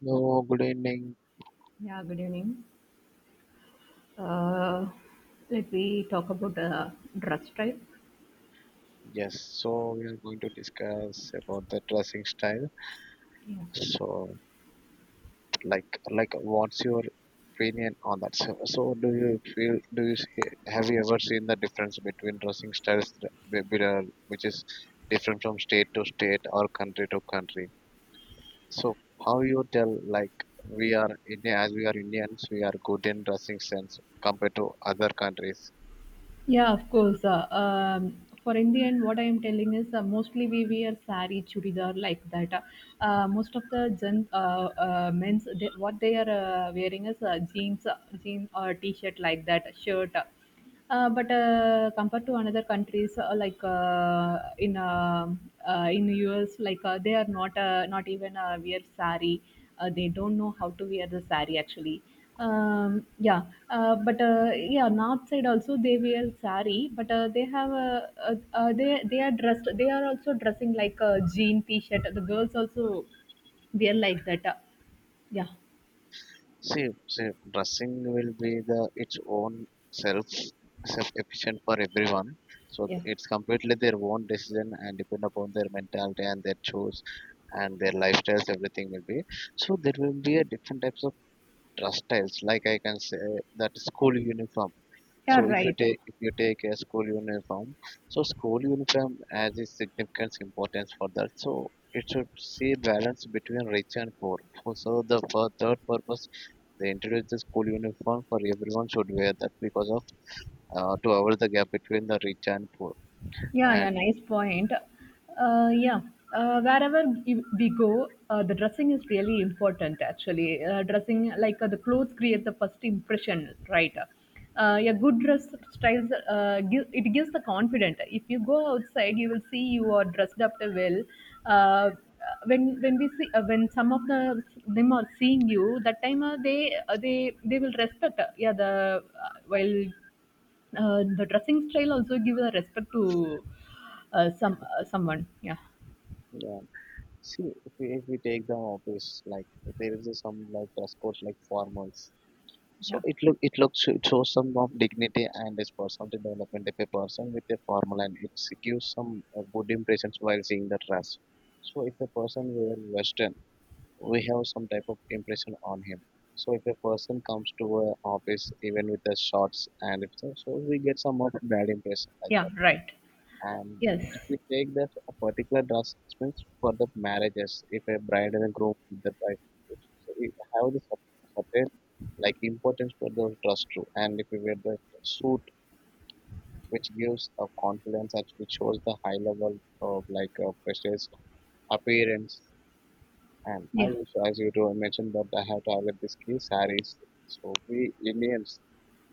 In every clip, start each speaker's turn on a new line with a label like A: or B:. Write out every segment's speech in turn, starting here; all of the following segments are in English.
A: Hello, good evening.
B: Yeah, good evening. Uh, Let me talk about dress type.
A: Yes, so we are going to discuss about the dressing style.
B: Yeah.
A: So, what's your opinion on that? So do you feel, do you see, have you ever seen the difference between dressing styles, which is different from state to state or country to country? So, how you tell, like, we are India, as we are Indians, we are good in dressing sense compared to other countries.
B: Yeah, of course. For Indian, what I am telling is mostly we wear sari, churidar like that. Most of the men's they, what they are wearing is jeans, jean or t-shirt like that, shirt. But Compared to another countries like in US, like they are not not even wear sari. They don't know how to wear the sari actually. um, yeah, yeah, north side also they wear sari, but they have they are dressed. They are also dressing like a jean t-shirt. The girls also wear like that. Yeah,
A: See, dressing will be the its own self self efficient for everyone. So
B: yeah,
A: it's completely their own decision and depend upon their mentality and their choice and their lifestyles. Everything will be so there will be a different types of dress styles. Like I can say that school uniform.
B: yeah,
A: So
B: right.
A: if you take a school uniform, so school uniform has its significance importance for that. So it should see balance between rich and poor. So the for third purpose they introduced the school uniform for everyone should wear that because of to avoid the gap between the rich and poor.
B: Yeah, yeah,
A: And
B: nice point. Uh, yeah, Wherever we go, the dressing is really important actually. Dressing, like the clothes, create the first impression, right? Yeah, good dress styles, it gives the confidence. If you go outside, you will see you are dressed up well. Uh, when we see when some of the them are seeing you, that time they will respect. Yeah, the While the dressing style also gives a respect to someone. Yeah,
A: yeah. See, if we take the office, like there is a some like dress code like formals. So
B: yeah,
A: it looks it shows some of dignity and this personality development of a person with a formal and it gives some good impressions while seeing the dress. So if a person wear western, we have some type of impression on him. So if a person comes to our office even with the shorts and if so, so we get somewhat bad impression like
B: yeah,
A: that.
B: right.
A: And if
B: Yes,
A: we take that a particular dress it means for the marriages, if a bride and a groom with the dress, so we have the certain like importance for those dress too. And if we wear the suit, which gives a confidence and which shows the high level of like a prestige appearance, and I
B: yeah,
A: used to as you to mention that I have target this key saris. So we Indians,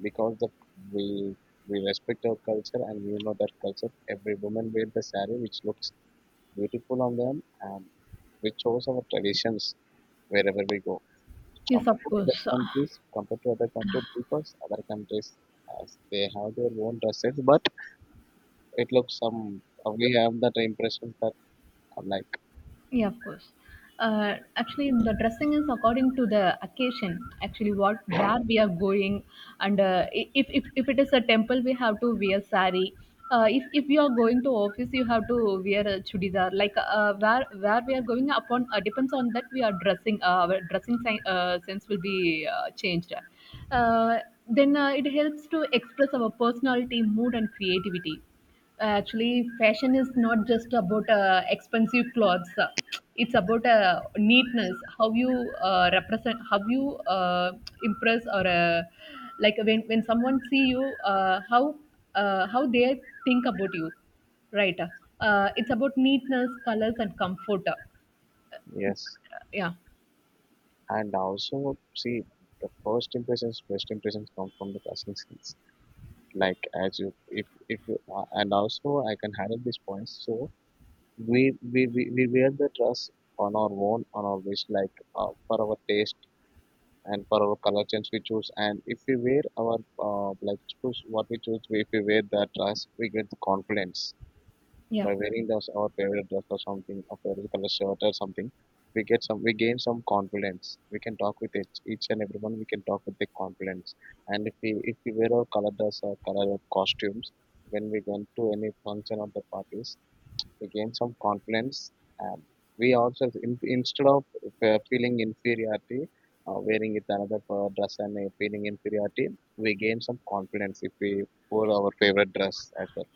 A: because the we we respect our culture and we know that culture. Every woman wear the sari, which looks beautiful on them, and we chose our traditions wherever we go.
B: yes, of
A: Compared to other
B: course.
A: countries, compared to other country peoples, other countries as they have their own dresses, but it looks some. We have that impression that I'm like
B: Yeah, of course. Actually, the dressing is according to the occasion. Actually, what where we are going, and if, if it is a temple, we have to wear sari. If you are going to office, you have to wear a chudidar. Like where we are going upon depends on that we are dressing. Our dressing sense will be changed. Uh, then It helps to express our personality, mood, and creativity. Actually, fashion is not just about expensive clothes. It's about neatness, how you represent, how you impress or like when someone see you, uh, how how they think about you, right? It's about neatness, colors, and comfort.
A: yes.
B: Yeah,
A: And also, see, the first impressions, best impressions come from the casting skills. Like as you, if you- and also I can handle these points. So we wear the dress on our own, on our wish, like for our taste and for our color change we choose. And if we wear our like choose what we choose, if we wear that dress, we get the confidence
B: yeah.
A: by wearing those our favorite dress or something, a favorite color shirt or something, we get some, we gain some confidence. We can talk with each and everyone. We can talk with the confidence. And if we wear our color dress or color costumes when we go to any function or the parties, we gain some confidence. And we also in, instead of feeling inferiority. Wearing it another dress and feeling inferiority, we gain some confidence if we wore our favorite dress as well.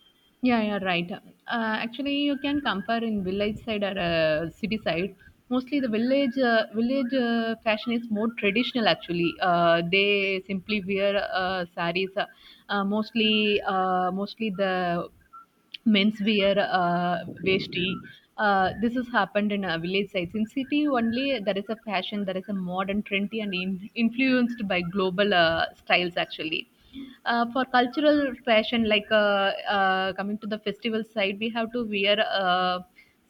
B: Yeah, yeah, right. Actually, you can compare in village side or city side. Mostly, the village fashion is more traditional. Actually, they simply wear saris. Mostly the menswear veshti. This has happened in village sites. In city only, there is a fashion, there is a modern, trendy, and influenced by global styles actually. For cultural fashion, coming to the festival side, we have to wear uh,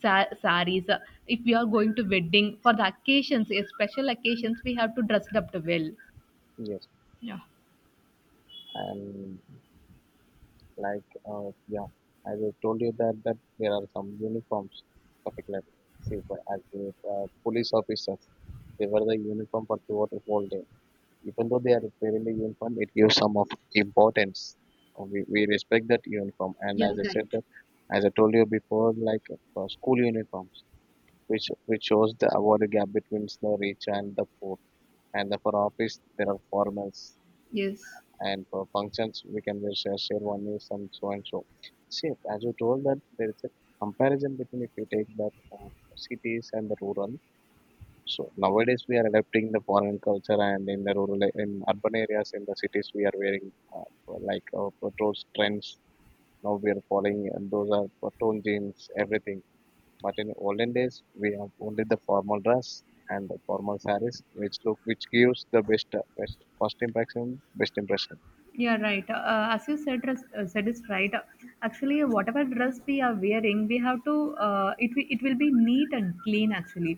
B: sa- saris. If we are going to wedding, for the occasions, special occasions, we have to dress up well.
A: Yes,
B: Yeah.
A: and like, yeah, as I told you that there are some uniforms, particularly. See, for as the police officers, they wear the uniform for throughout the whole day. Even though they are wearing the uniform, it gives some of importance. We respect that uniform, and
B: Yeah.
A: as I
B: Right.
A: said that, as I told you before, like school uniforms, which shows the award gap between the rich and the poor, and the, for office there are formals,
B: Yes.
A: and for functions we can wear share sherwani some so and so. See, as you told that there is a comparison between if you take that cities and the rural, so nowadays we are adapting the foreign culture, and in the rural in urban areas in the cities we are wearing like those trends now we are following, and those are for tone jeans everything, but in olden days we have only the formal dress and the formal sarees which look which gives the best, best first impression best impression.
B: Yeah, right. As you said, said is right. Actually, whatever dress we are wearing, we have to. It will be neat and clean. Actually,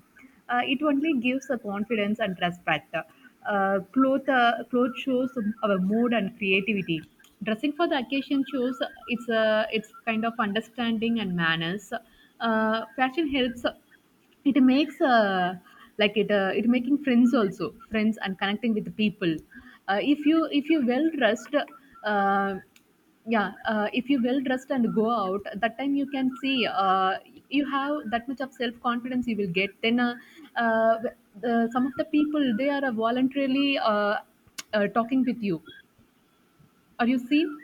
B: it only gives a confidence and respect. Cloth shows our mood and creativity. Dressing for the occasion shows it's kind of understanding and manners. Fashion helps, it makes it making friends also, friends and connecting with the people. If you if you well dressed, yeah if you well dressed and go out, that time you can see you have that much of self confidence you will get. Uh, the some of the people they are voluntarily talking with you. Are you seen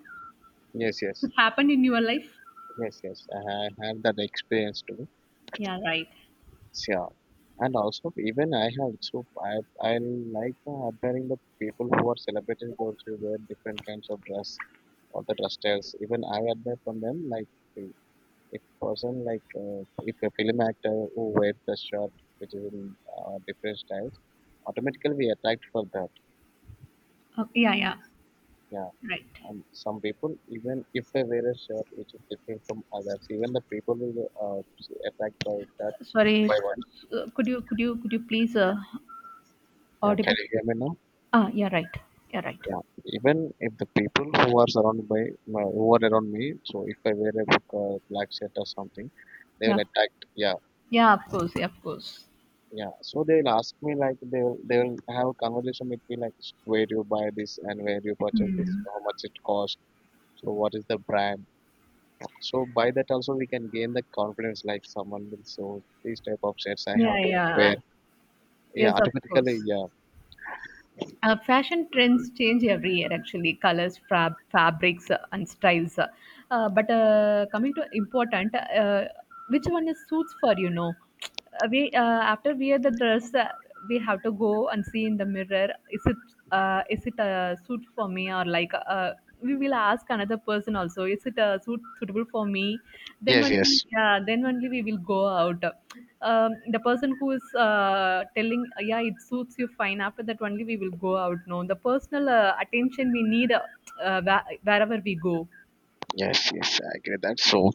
A: Yes,
B: it
A: yes.
B: happened in your life?
A: Yes, yes, I have had that experience too.
B: Yeah, right.
A: Sure. And also, even I have, so I like admiring the people who are celebrities, those who wear different kinds of dress or the dress styles. Even I admire from them, like, the- if person like, if a film actor who wears the shirt, which is in different styles, automatically we attract for that.
B: Okay, yeah, yeah,
A: Yeah.
B: right.
A: And some people, even if they wear a shirt which is different from others, even the people will attract by that,
B: Sorry,
A: by—
B: could you please
A: Yeah, can
B: audible?
A: you hear me now?
B: Ah, yeah, right. Yeah, right.
A: Yeah, even if the people who are surrounded by my- who are around me, so if I wear a black shirt or something, they
B: Yeah,
A: will attack. Yeah,
B: yeah, of course, yeah, of course.
A: yeah. So they will ask me like they will have a conversation with me like where you buy this and where you purchase this,
B: Hmm.
A: how much it cost, so what is the brand. So by that also we can gain the confidence like someone will so these type of shirts I
B: Yeah,
A: have to
B: yeah.
A: wear. Yeah,
B: Yes, of
A: automatically.
B: course.
A: Yeah.
B: Fashion trends change every year, actually, colors, fabrics, and styles. But Coming to important, uh, which one is suits for you know? We After we wear the dress, we have to go and see in the mirror. Is it is it a suit for me? Or like we will ask another person also, is it suitable for me? Then
A: Yes.
B: only,
A: Yes.
B: yeah, then only we will go out. The person who is telling yeah it suits you fine, after that only we will go out. No, the personal attention we need, wherever we go.
A: Yes, yes, I agree that. So,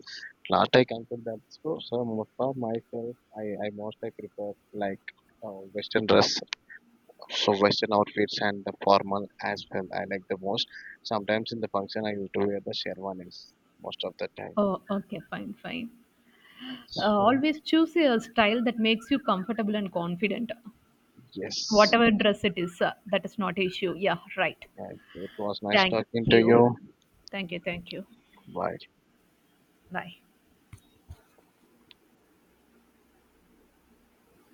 A: last I conclude that. So most of myself, I most I prefer like Western dress, so Western outfits and the formal as well. I like the most. Sometimes in the function, I used to wear the sherwanis most of the time.
B: Oh, okay, fine, fine.
A: So,
B: Always choose a style that makes you comfortable and confident,
A: yes,
B: whatever dress it is. That is not issue. Yeah, right.
A: and it was nice
B: Thank
A: talking to
B: you.
A: you.
B: Thank you, thank you.
A: Bye.
B: Bye.